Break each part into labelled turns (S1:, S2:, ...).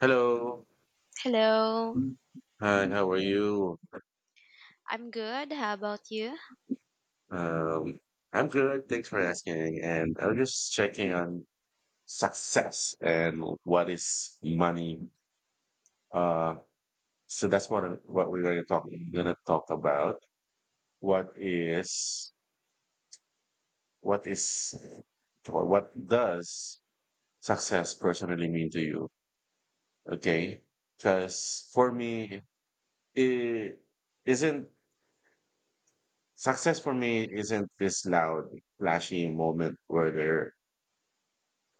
S1: Hello.
S2: Hello.
S1: Hi, how are you?
S2: I'm good. How about you?
S1: Um, I'm good. Thanks for asking. And I was just checking on success and what is money. Uh, so that's what we're going to talk about. What is what is or What does success personally mean to you? Okay, because for me, it isn't success for me isn't this loud, flashy moment where there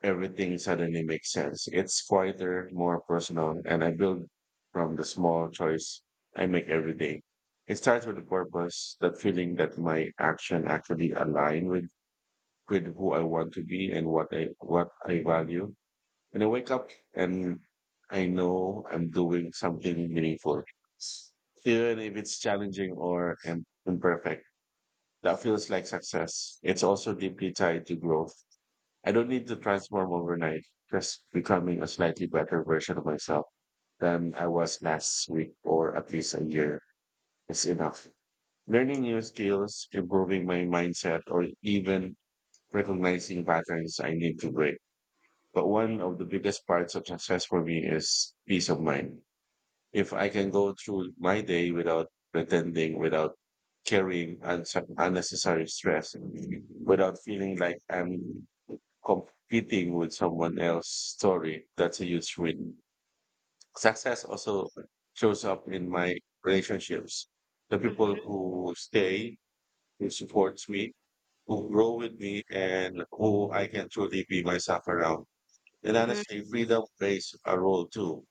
S1: everything suddenly makes sense. It's quieter, more personal, and I build from the small choice I make every day. It starts with a purpose, that feeling that my action actually align with who I want to be and what I value. When I wake up and I know I'm doing something meaningful. Even if it's challenging or imperfect, that feels like success. It's also deeply tied to growth. I don't need to transform overnight, just becoming a slightly better version of myself than I was last week or at least a year is enough. Learning new skills, improving my mindset, or even recognizing patterns I need to break. But one of the biggest parts of success for me is peace of mind. If I can go through my day without pretending, without carrying unnecessary stress, without feeling like I'm competing with someone else's story. That's a huge win. Success also shows up in my relationships. The people
S2: Mhm.
S1: who stay, who supports me, who grow with me, and who I can truly be myself around. And
S2: Mhm.
S1: honestly, freedom plays a role too.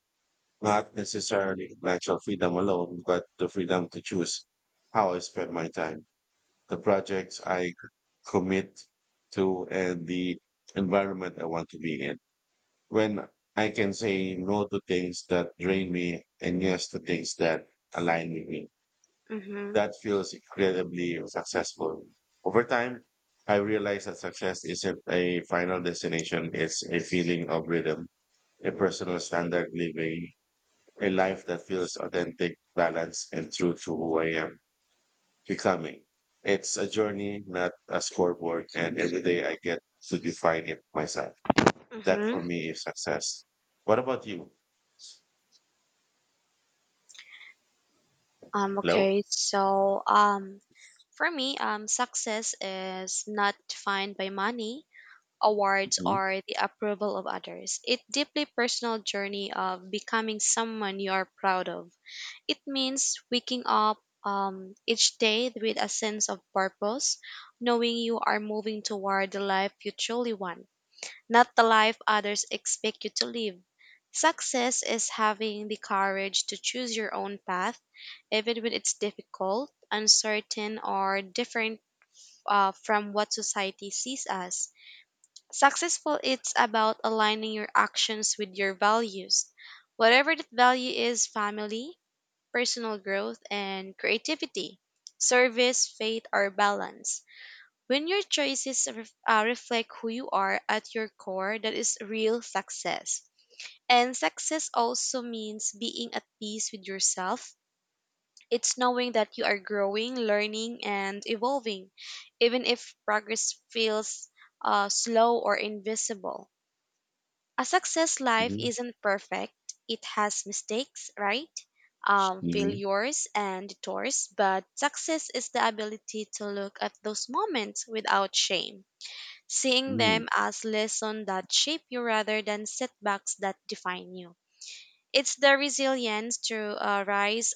S1: Not necessarily financial freedom alone, but the freedom to choose how I spend my time, the projects I commit to, and the environment I want to be in when I can say no to things that drain me and yes to things that align with me.
S2: Mhm.
S1: That feels incredibly successful. Over time, I realized that success isn't a final destination. It's a feeling of rhythm, a personal standard living, a life that feels authentic, balanced, and true to who I am becoming. It's a journey, not a scoreboard, and every day I get to define it myself. That for
S2: Mhm.
S1: me is success. What about you?
S2: Um
S1: Hello?
S2: okay. So, um for me, success is not defined by money, awards
S1: Mhm,
S2: or the approval of others. It deeply personal journey of becoming someone you are proud of. It means waking up each day with a sense of purpose, knowing you are moving toward the life you truly want, not the life others expect you to live. Success is having the courage to choose your own path, even when it's difficult, uncertain, or different from what society sees as successful. It's about aligning your actions with your values, whatever that value is: family, personal growth, and creativity, service, faith, or balance. When your choices reflect who you are at your core, that is real success. And success also means being at peace with yourself. It's knowing that you are growing, learning, and evolving, even if progress feels slow or invisible. A success life
S1: mhm,
S2: isn't perfect, it has mistakes, right?
S1: mhm,
S2: Failures and detours, but success is the ability to look at those moments without shame, seeing
S1: mhm,
S2: them as lessons that shape you rather than setbacks that define you. It's the resilience to rise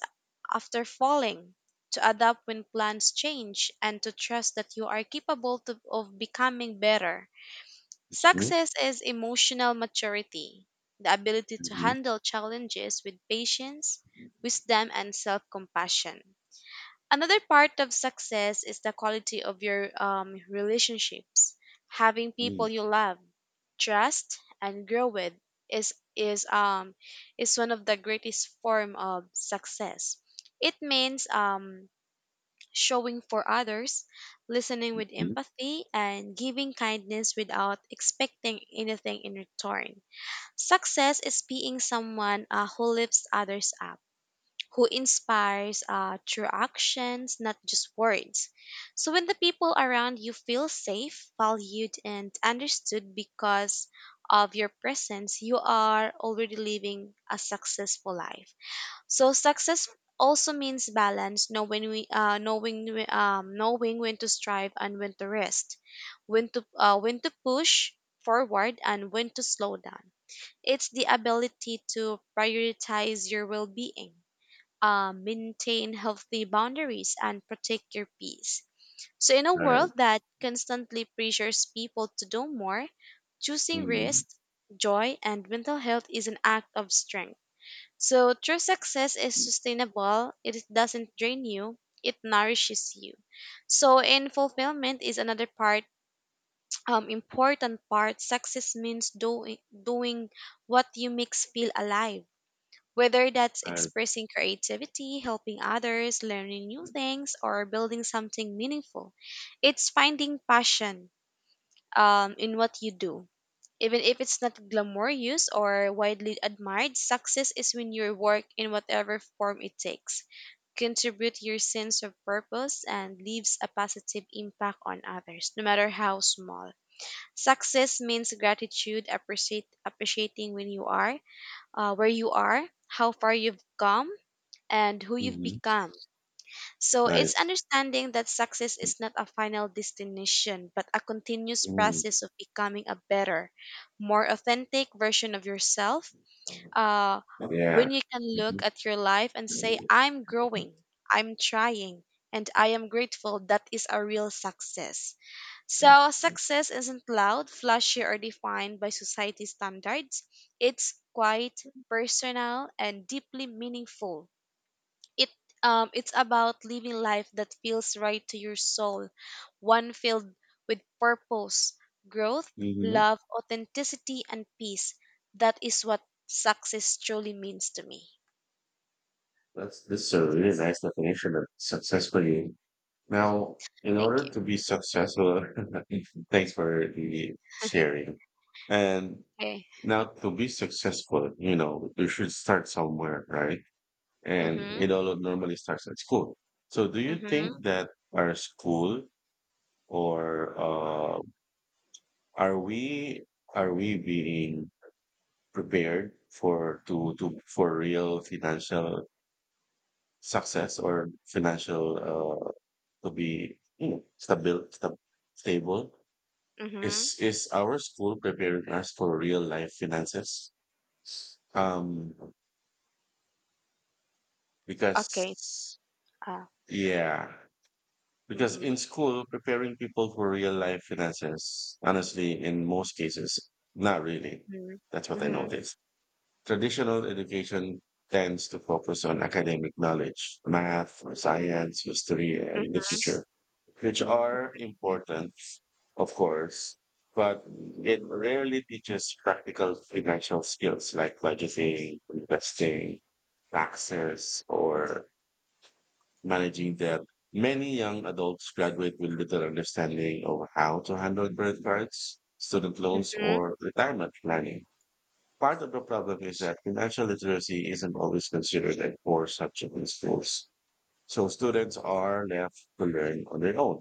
S2: after falling, to adapt when plans change, and to trust that you are capable to, of becoming better.
S1: mhm,
S2: Success is emotional maturity, the ability to
S1: mhm,
S2: handle challenges with patience, wisdom, and self compassion. Another part of success is the quality of your relationships. Having people
S1: mhm,
S2: you love, trust, and grow with is is one of the greatest form of success. It means showing for others, listening with
S1: mhm,
S2: empathy, and giving kindness without expecting anything in return. Success is being someone who lifts others up, who inspires through actions, not just words. So when the people around you feel safe, valued, and understood because of your presence, you are already living a successful life. So success also means balance, knowing when to strive and when to rest, when to push forward and when to slow down. It's the ability to prioritize your well-being, maintain healthy boundaries and protect your peace. So, in a world
S1: right,
S2: that constantly pressures people to do more, choosing
S1: mhm,
S2: rest, joy, and mental health is an act of strength. So, true success is sustainable, it doesn't drain you, it nourishes you. So, and fulfillment is another part. Important part, success means doing what you makes feel alive, whether that's
S1: right,
S2: expressing creativity, helping others, learning new things, or building something meaningful. It's finding passion in what you do. Even if it's not glamorous or widely admired, success is when you work in whatever form it takes, contribute your sense of purpose, and leaves a positive impact on others, no matter how small. Success means gratitude, appreciating when you are, where you are, how far you've come, and who you've
S1: mhm,
S2: become. So it's
S1: nice,
S2: understanding that success is not a final destination, but a continuous
S1: mhm.
S2: process of becoming a better, more authentic version of yourself. Uh,
S1: Yeah.
S2: when you can look at your life and say,
S1: Mhm.
S2: I'm growing, I'm trying, and I am grateful, that is a real success. So, success isn't loud, flashy, or defined by society standards. It's quiet, personal, and deeply meaningful. it it's about living life that feels right to your soul, one filled with purpose, growth,
S1: Mhm.
S2: love, authenticity and peace. That is what success truly means to me.
S1: That's, this is a really nice definition of success for you.
S2: Hmm.
S1: Now, in
S2: Thank
S1: order
S2: you.
S1: to be successful, thanks for the sharing. And
S2: Okay.
S1: now to be successful, you know, you should start somewhere, right? And
S2: Mhm.
S1: it all normally starts at school. So, do you
S2: Mhm.
S1: think that our school or are we are we being prepared for to for real financial success or financial to be you know, stable?
S2: Mhm.
S1: Is our school preparing us for real life finances? Um, because
S2: Okay. Ah. uh,
S1: yeah, because
S2: mhm.
S1: in school, preparing people for real life finances, honestly, in most cases, not really.
S2: Mhm.
S1: That's what I
S2: Mhm.
S1: noticed. Traditional education tends to focus on academic knowledge, math, or
S2: Mhm.
S1: science, history, and
S2: Mhm.
S1: literature, which are important, of course, but it rarely teaches practical financial skills like budgeting, investing, taxes, or managing debt. Many young adults graduate with little understanding of how to handle credit cards, student loans,
S2: Mhm.
S1: or retirement planning. Part of the problem is that financial literacy isn't always considered a core subject in schools. So students are left to learn on their own,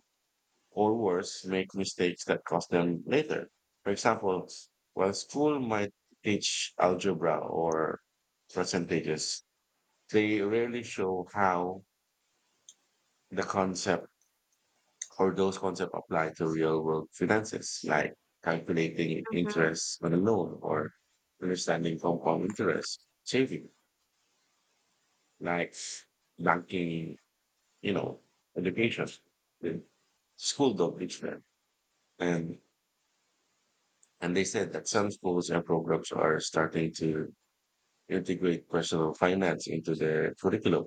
S1: or worse, make mistakes that cost them later. For example, while school might teach algebra or percentages, they rarely show how the concept Or those concepts apply to real world finances, like calculating interest on a loan or understanding compound interest, saving, like banking, you know, education, the school don't teach them. And and they said that some schools and programs are starting to integrate personal finance into their curriculum,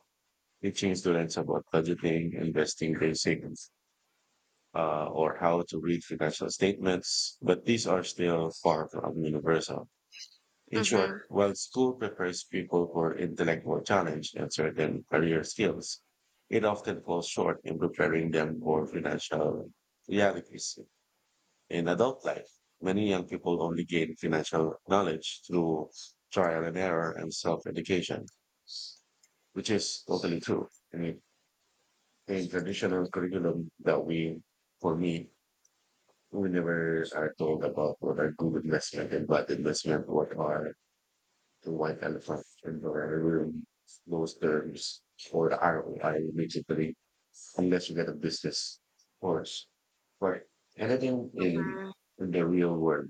S1: teaching students about budgeting, investing, basic or how to read financial statements, but these are still far from universal. In
S2: Mhm.
S1: short, while school prepares people for intellectual challenge and certain career skills, it often falls short in preparing them for financial realities. In adult life, many young people only gain financial knowledge through trial and error and self-education, which is totally true. I mean, in traditional curriculum that we, for me, we never are told about what are good investment and bad investment, what are the white elephant in the room, those terms, or the ROI immediately, unless you get a business course. But anything
S2: Mhm.
S1: in the real world,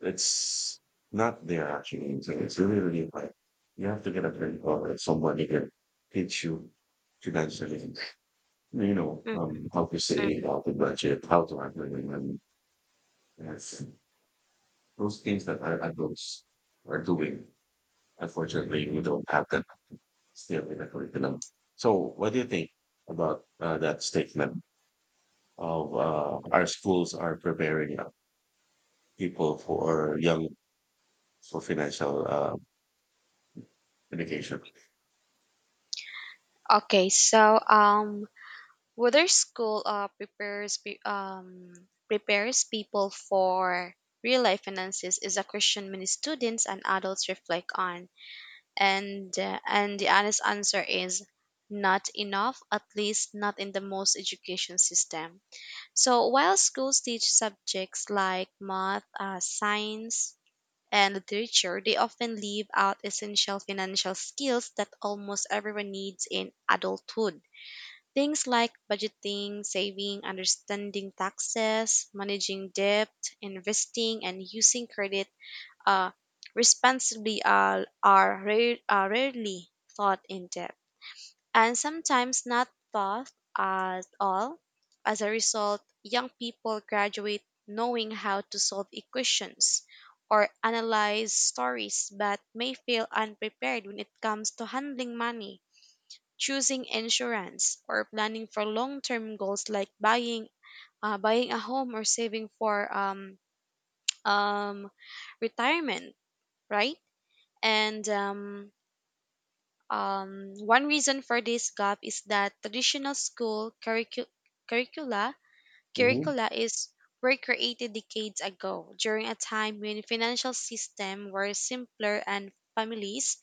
S1: it's not there actually. So it's really, really hard. You have to get a friend or somebody can teach you financially, you know,
S2: Mhm.
S1: how to save, how to budget, how to handle your money. Yes. Those things that our adults are doing, unfortunately, we don't have that still in the curriculum. So, what do you think about that statement of our schools are preparing people for young for financial education?
S2: Okay, so, whether school prepares people for real life finances is a question many students and adults reflect on, and the honest answer is not enough, at least not in the most education system. So while schools teach subjects like math, science, and literature, they often leave out essential financial skills that almost everyone needs in adulthood. Things like budgeting, saving, understanding taxes, managing debt, investing, and using credit uh, responsibly are, are rarely thought in depth and sometimes not thought at all. As a result, young people graduate knowing how to solve equations or analyze stories but may feel unprepared when it comes to handling money, choosing insurance or planning for long-term goals like buying a home or saving for um, retirement, right? and One reason for this gap is that traditional school curricula
S1: Mm-hmm.
S2: curricula is were created decades ago during a time when financial systems were simpler and families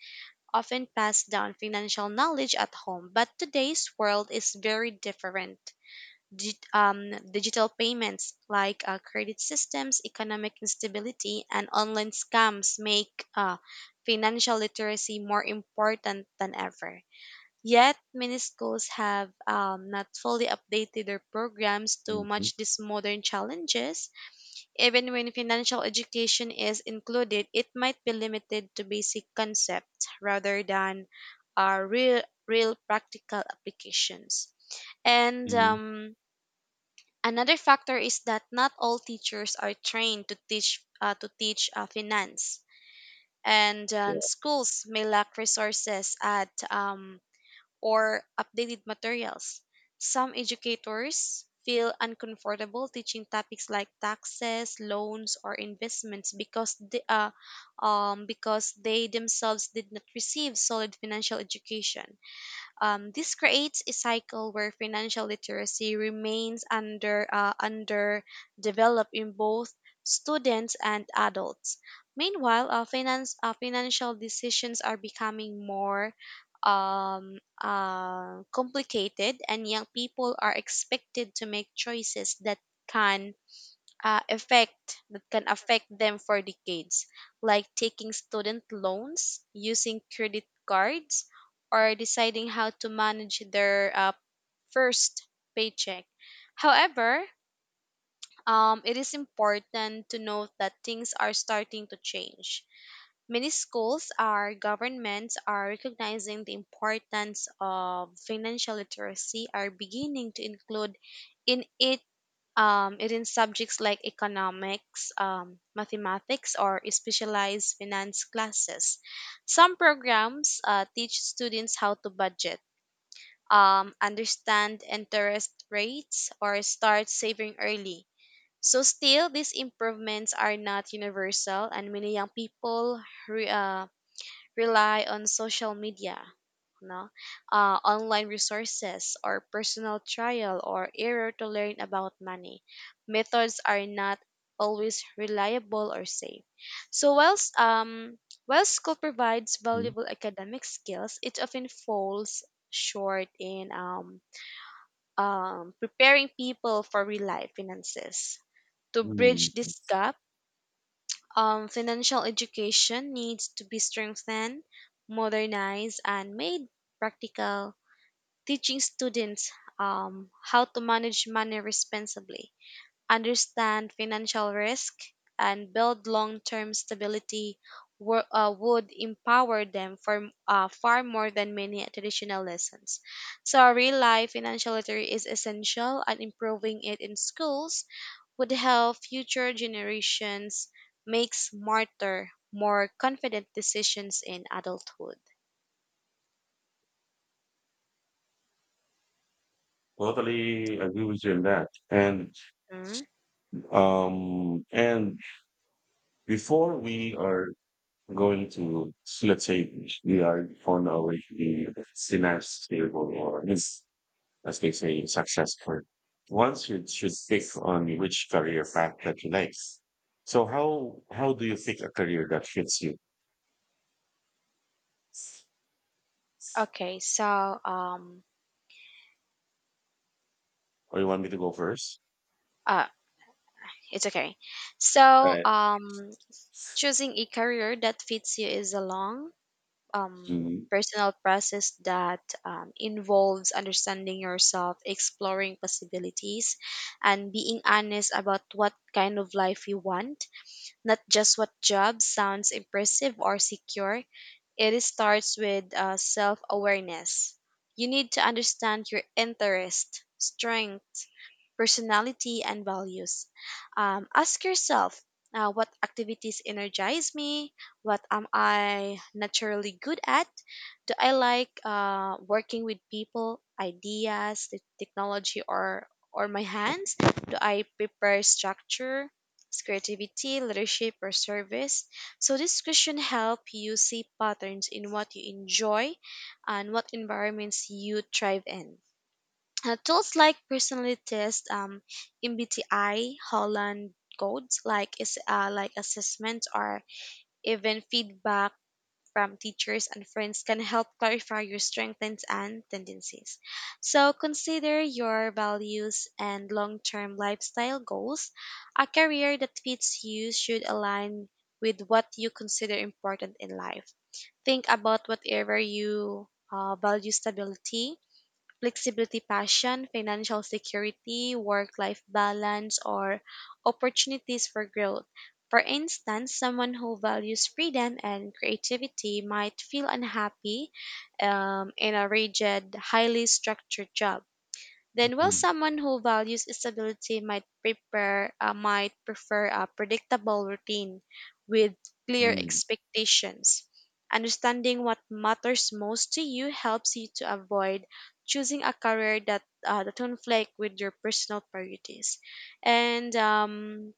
S2: often passed down financial knowledge at home, but today's world is very different. Digital payments like credit systems, economic instability, and online scams make financial literacy more important than ever. Yet, many schools have not fully updated their programs to
S1: Mm-hmm.
S2: match these modern challenges. Even when financial education is included, it might be limited to basic concepts rather than real practical applications. And
S1: Hmm.
S2: Another factor is that not all teachers are trained to teach finance, and
S1: Yeah.
S2: schools may lack resources at or updated materials. Some educators feel uncomfortable teaching topics like taxes, loans, or investments because they themselves did not receive solid financial education. This creates a cycle where financial literacy remains underdeveloped in both students and adults. Meanwhile, finance financial decisions are becoming more um, complicated, and young people are expected to make choices that can affect them for decades, like taking student loans, using credit cards, or deciding how to manage their first paycheck. However, it is important to note that things are starting to change. Many schools or governments are recognizing the importance of financial literacy, are beginning to include in it it in subjects like economics, mathematics, or specialized finance classes. Some programs teach students how to budget, understand interest rates, or start saving early. So, still, these improvements are not universal, and many young people rely on social media, no? Online resources or personal trial or error to learn about money. Methods are not always reliable or safe. So whilst while school provides
S1: Mhm.
S2: valuable academic skills, it often falls short in preparing people for real life finances. To
S1: Mm.
S2: bridge this gap, financial education needs to be strengthened, modernized, and made practical. Teaching students how to manage money responsibly, understand financial risk, and build long term stability would empower them for, far more than many traditional lessons. So, real life financial literacy is essential, and improving it in schools would help future generations make smarter, more confident decisions in adulthood.
S1: Totally agree with you on that.
S2: Mm.
S1: Um and before we are going to, let's say, we are on our way to the synapse stable or is, as they say, successful. Once you should pick on which career path that you like. So how do you pick a career that fits you?
S2: Okay, so,
S1: Or you want me to go first?
S2: uh, it's okay. So,
S1: Right.
S2: choosing a career that fits you is a long,
S1: Mm,
S2: personal process that involves understanding yourself, exploring possibilities, and being honest about what kind of life you want, not just what job sounds impressive or secure. It starts with self awareness. You need to understand your interest, strength, personality, and values. Ask yourself, what activities energize me? What am I naturally good at? Do I like working with people, ideas, the technology, or my hands? Do I prepare structure, creativity, leadership, or service? So this question help you see patterns in what you enjoy and what environments you thrive in. Tools like personally test, MBTI, Holland codes, like assessment or even feedback from teachers and friends can help clarify your strengths and tendencies. So consider your values and long-term lifestyle goals. A career that fits you should align with what you consider important in life. Think about whatever you value: stability, flexibility, passion, financial security, work life balance, or opportunities for growth. For instance, someone who values freedom and creativity might feel unhappy in a rigid, highly structured job, then, while
S1: mm,
S2: someone who values stability might prepare might prefer a predictable routine with clear
S1: mm,
S2: expectations. Understanding what matters most to you helps you to avoid choosing a career that conflict with your personal priorities. And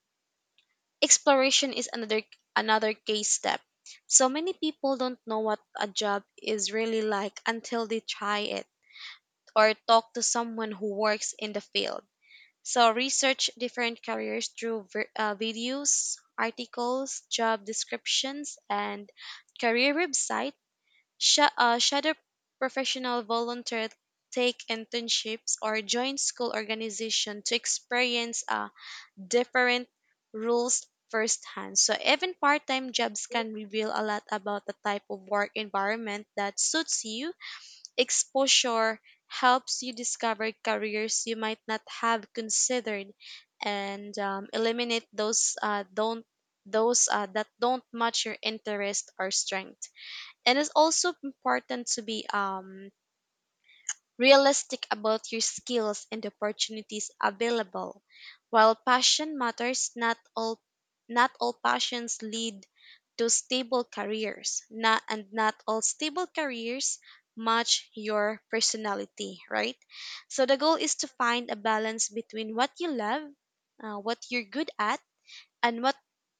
S2: Exploration is another another case step. So many people don't know what a job is really like until they try it or talk to someone who works in the field. So research different careers through videos, articles, job descriptions, and career website. Shadow professional volunteer, take internships or join school organization to experience different rules firsthand. So even part-time jobs can reveal a lot about the type of work environment that suits you. Exposure helps you discover careers you might not have considered and eliminate those that don't match your interest or strength. And it's also important to be realistic about your skills and opportunities available. While passion matters, not all passions lead to stable careers. Not all stable careers match your personality, right? So the goal is to find a balance between what you love, what you're good at, and what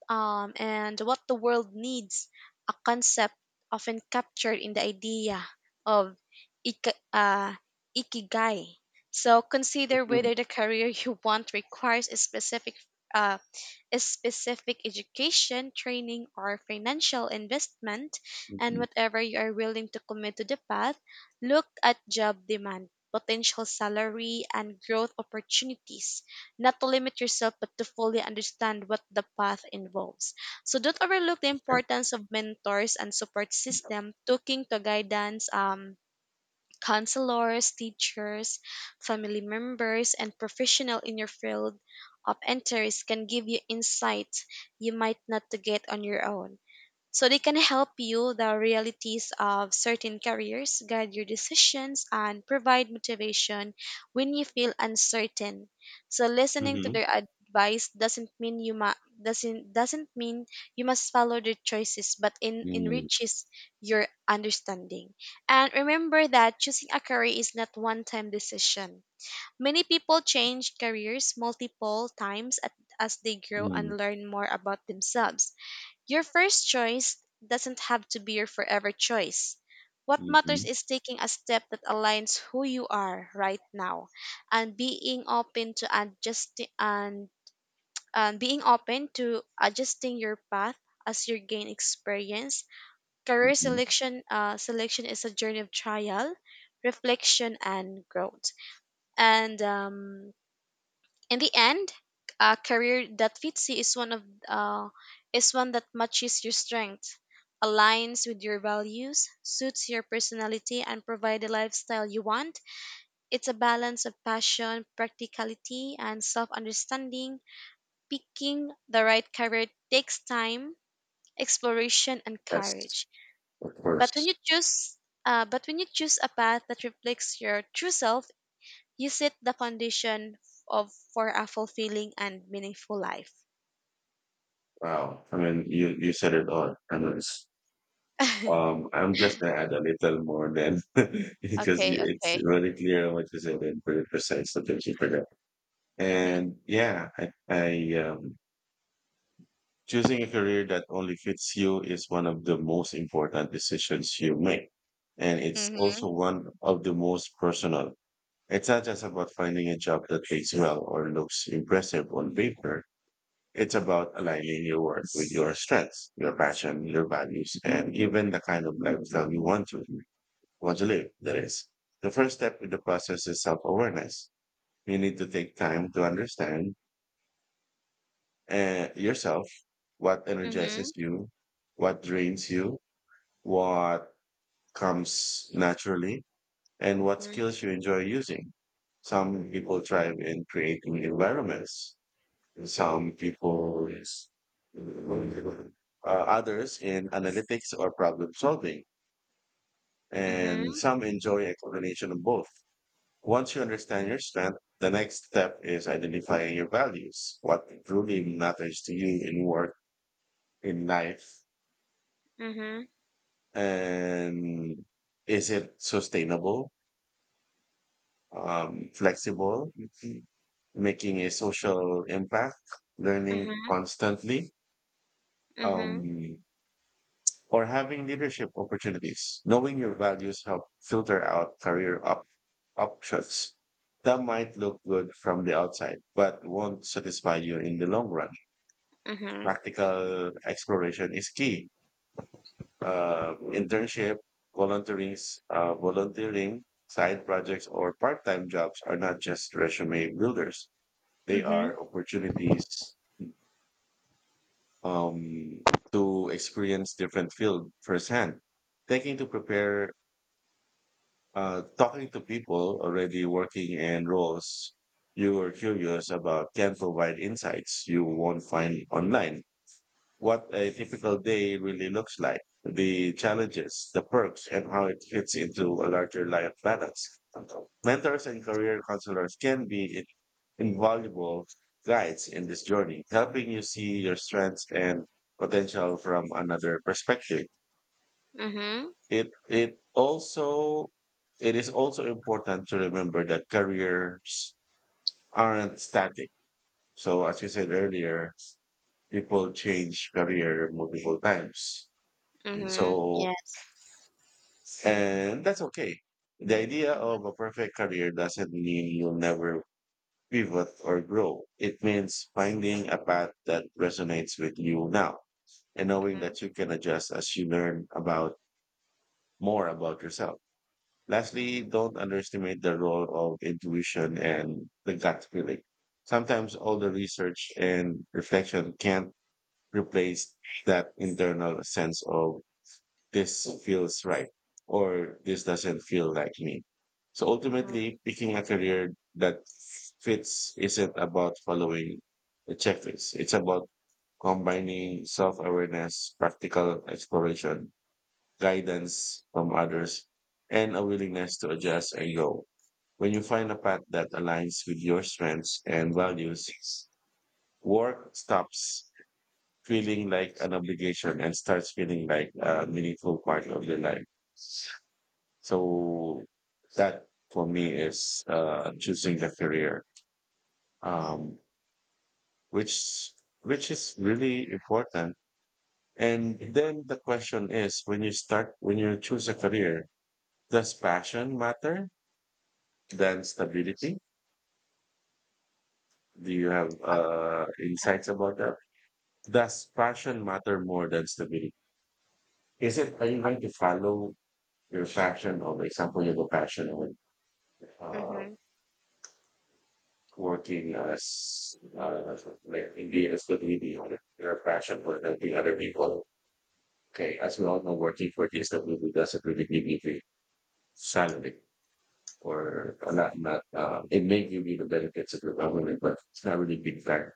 S2: um, and what the world needs, a concept often captured in the idea of ik- uh, ikigai. So consider
S1: mhm,
S2: whether the career you want requires a uh, specific education, training, or financial investment, and
S1: mhm,
S2: whatever you are willing to commit to the path, look at job demand, potential salary, and growth opportunities. Not to limit yourself, but to fully understand what the path involves. So don't overlook the
S1: okay.
S2: importance of mentors and support system, talking to guidance, counselors, teachers, family members, and professionals in your field of interest can give you insights you might not to get on your own. So they can help you the realities of certain careers, guide your decisions, and provide motivation when you feel uncertain. So listening to
S1: Mm-hmm.
S2: their advice doesn't mean you must follow their choices, but in enriches your understanding. And remember that choosing a career is not one-time decision. Many people change careers multiple times as they grow and learn more about themselves. Your first choice doesn't have to be your forever choice. What
S1: Mm-hmm.
S2: matters is taking a step that aligns who you are right now and being open to adjusting and, and being open to adjusting your path as you gain experience. Career
S1: Hmm.
S2: selection uh, selection is a journey of trial, reflection and growth. And in the end, a career that fits you is one that matches your strengths, aligns with your values, suits your personality, and provide the lifestyle you want. It's a balance of passion, practicality, and self-understanding. Picking the right career takes time, exploration, and courage.
S1: That's, of course.
S2: But when you choose, but when you choose a path that reflects your true self, you set the foundation of for a fulfilling and meaningful life.
S1: Wow. I mean, you said it all. I mean, it's- I'm just going to add a little more then because you-
S2: Okay,
S1: it's
S2: okay.
S1: really clear what you said and very precise. So thank you for that.
S2: Mhm.
S1: And yeah, I choosing a career that only fits you is one of the most important decisions you make. And it's
S2: Mhm.
S1: also one of the most personal. It's not just about finding a job that pays well or looks impressive on paper. It's about aligning your work with your strengths, your passion, your values, and even the kind of lifestyle you want to live. That is, the first step in the process is self-awareness. You need to take time to understand yourself, what energizes
S2: Mhm.
S1: you, what drains you, what comes naturally, and what
S2: Mhm.
S1: skills you enjoy using. Some people thrive in creating environments. Some people uh, Others in analytics or problem solving, and
S2: Mhm.
S1: some enjoy a combination of both. Once you understand your strength, the next step is identifying your values, what truly matters to you in work, in life,
S2: Mhm.
S1: and is it sustainable, flexible, making a social impact, learning
S2: Mhm.
S1: constantly.
S2: Mhm.
S1: Um, or having leadership opportunities. Knowing your values help filter out options that might look good from the outside, but won't satisfy you in the long run.
S2: Mhm.
S1: Practical exploration is key. Internship, volunteering, side projects, or part-time jobs are not just resume builders. They
S2: Mhm.
S1: are opportunities um, to experience different field firsthand. Taking to prepare Talking to people already working in roles you are curious about can provide insights you won't find online. What a typical day really looks like, the challenges, the perks, and how it fits into a larger life balance. Mentors and career counselors can be invaluable guides in this journey, helping you see your strengths and potential from another perspective.
S2: Mhm.
S1: It it also it is also important to remember that careers aren't static. So as you said earlier, people change career multiple times.
S2: Mhm.
S1: So
S2: Yes.
S1: and that's okay. The idea of
S2: Mhm.
S1: a perfect career doesn't mean you'll never pivot or grow. It means finding a path that resonates with you now and knowing
S2: Mhm.
S1: that you can adjust as you learn about more about yourself. Lastly,
S2: Mhm.
S1: don't underestimate the role of intuition and the gut feeling. Sometimes all the research and reflection can't replace that internal sense of this feels right or this doesn't feel like me. So
S2: Mhm.
S1: ultimately, picking a career that fits isn't about following a checklist. It's about combining self-awareness, practical exploration, guidance from others, and a willingness to adjust and grow. When you find a path that aligns with your strengths and values, work stops feeling like an obligation and starts feeling like a meaningful part of your life. So that for me is choosing the career, um, which which is really important. And then the question is, when you start, when you choose a career, does passion matter than stability? Do you have insights about that? Does passion matter more than stability? Is it, are you going to follow your passion or, for example, you have a passion with uh,
S2: Mhm.
S1: working as, like, in the stability or your passion for helping other people? Okay, as we all know, working for the stability doesn't really give you the salary or not, not, it may give you the benefits of the government, but it's not really big factor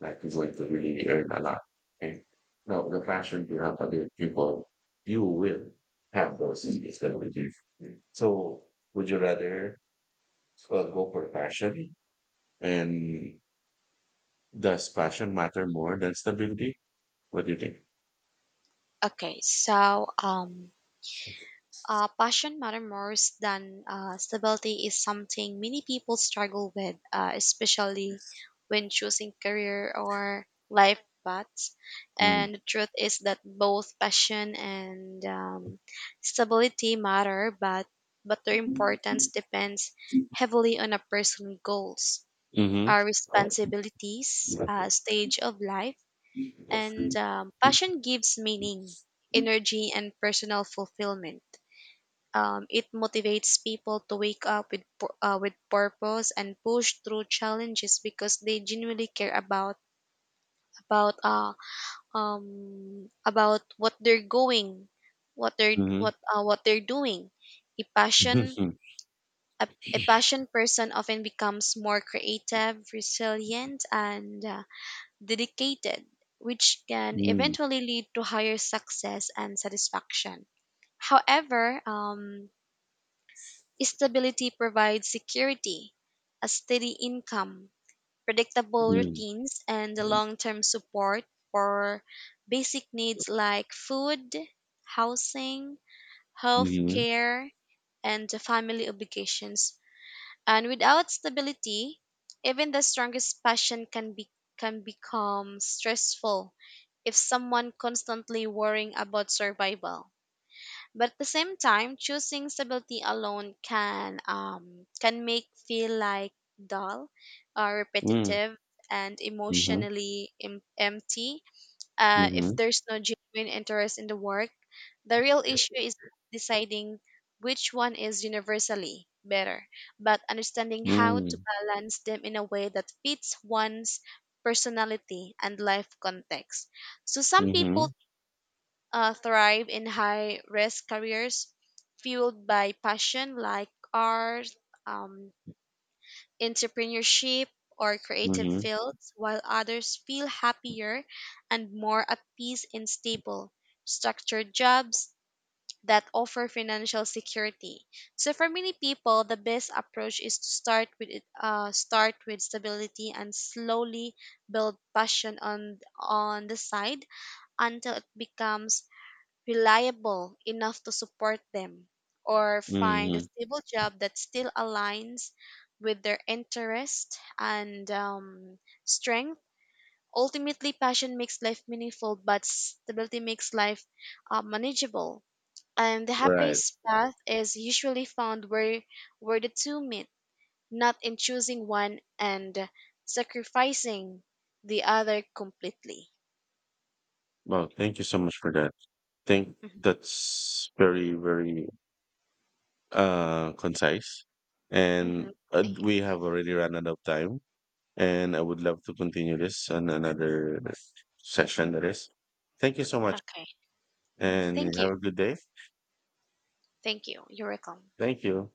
S1: like is going to really earn a lot. And now the passion you have for the people, you will have those skills that we do. So would you rather go for passion and does passion matter more than stability? What do you think?
S2: Okay, so passion matter more than stability is something many people struggle with, especially when choosing career or life paths.
S1: Mm-hmm.
S2: And the truth is that both passion and stability matter, but their importance depends heavily on a person's goals,
S1: Mm-hmm.
S2: our responsibilities,
S1: Mm-hmm.
S2: stage of life, and passion gives meaning, energy, and personal fulfillment. It motivates people to wake up with purpose and push through challenges because they genuinely care about uh about what they're going,
S1: Mm-hmm.
S2: what they're doing. A passion
S1: Mm-hmm.
S2: a passion person often becomes more creative, resilient, and dedicated, which can eventually lead to higher success and satisfaction. However, stability provides security, a steady income, predictable routines, and the long term support for basic needs like food, housing, health care, and the family obligations. And without stability, even the strongest passion can be can become stressful if someone constantly worrying about survival. But at the same time, choosing stability alone can make feel like dull,
S1: Mm-hmm.
S2: repetitive, and emotionally empty. If
S1: Mm-hmm.
S2: there's no genuine interest in the work, the real issue is deciding which one is universally better, but understanding how to balance them in a way that fits one's personality and life context. So some
S1: Mm-hmm.
S2: people thrive in high risk careers fueled by passion like art, um, entrepreneurship, or creative
S1: Mhm,
S2: fields, while others feel happier and more at peace in stable, structured jobs that offer financial security. So for many people, the best approach is to start with stability and slowly build passion on the side until it becomes reliable enough to support them, or find a
S1: mhm.
S2: stable job that still aligns with their interest and strength. Ultimately, passion makes life meaningful, but stability makes life manageable. And the
S1: Right.
S2: happiest path is usually found where the two meet, not in choosing one and sacrificing the other completely.
S1: Well, thank you so much for that. Think
S2: Hmm.
S1: that's very, very concise.
S2: Hmm.
S1: And
S2: Thank you.
S1: we have already run out of time. And I would love to continue this on another session that is. Thank you so much
S2: Okay.
S1: and
S2: Thank you.
S1: have a good day.
S2: Thank you. You're welcome.
S1: Thank you.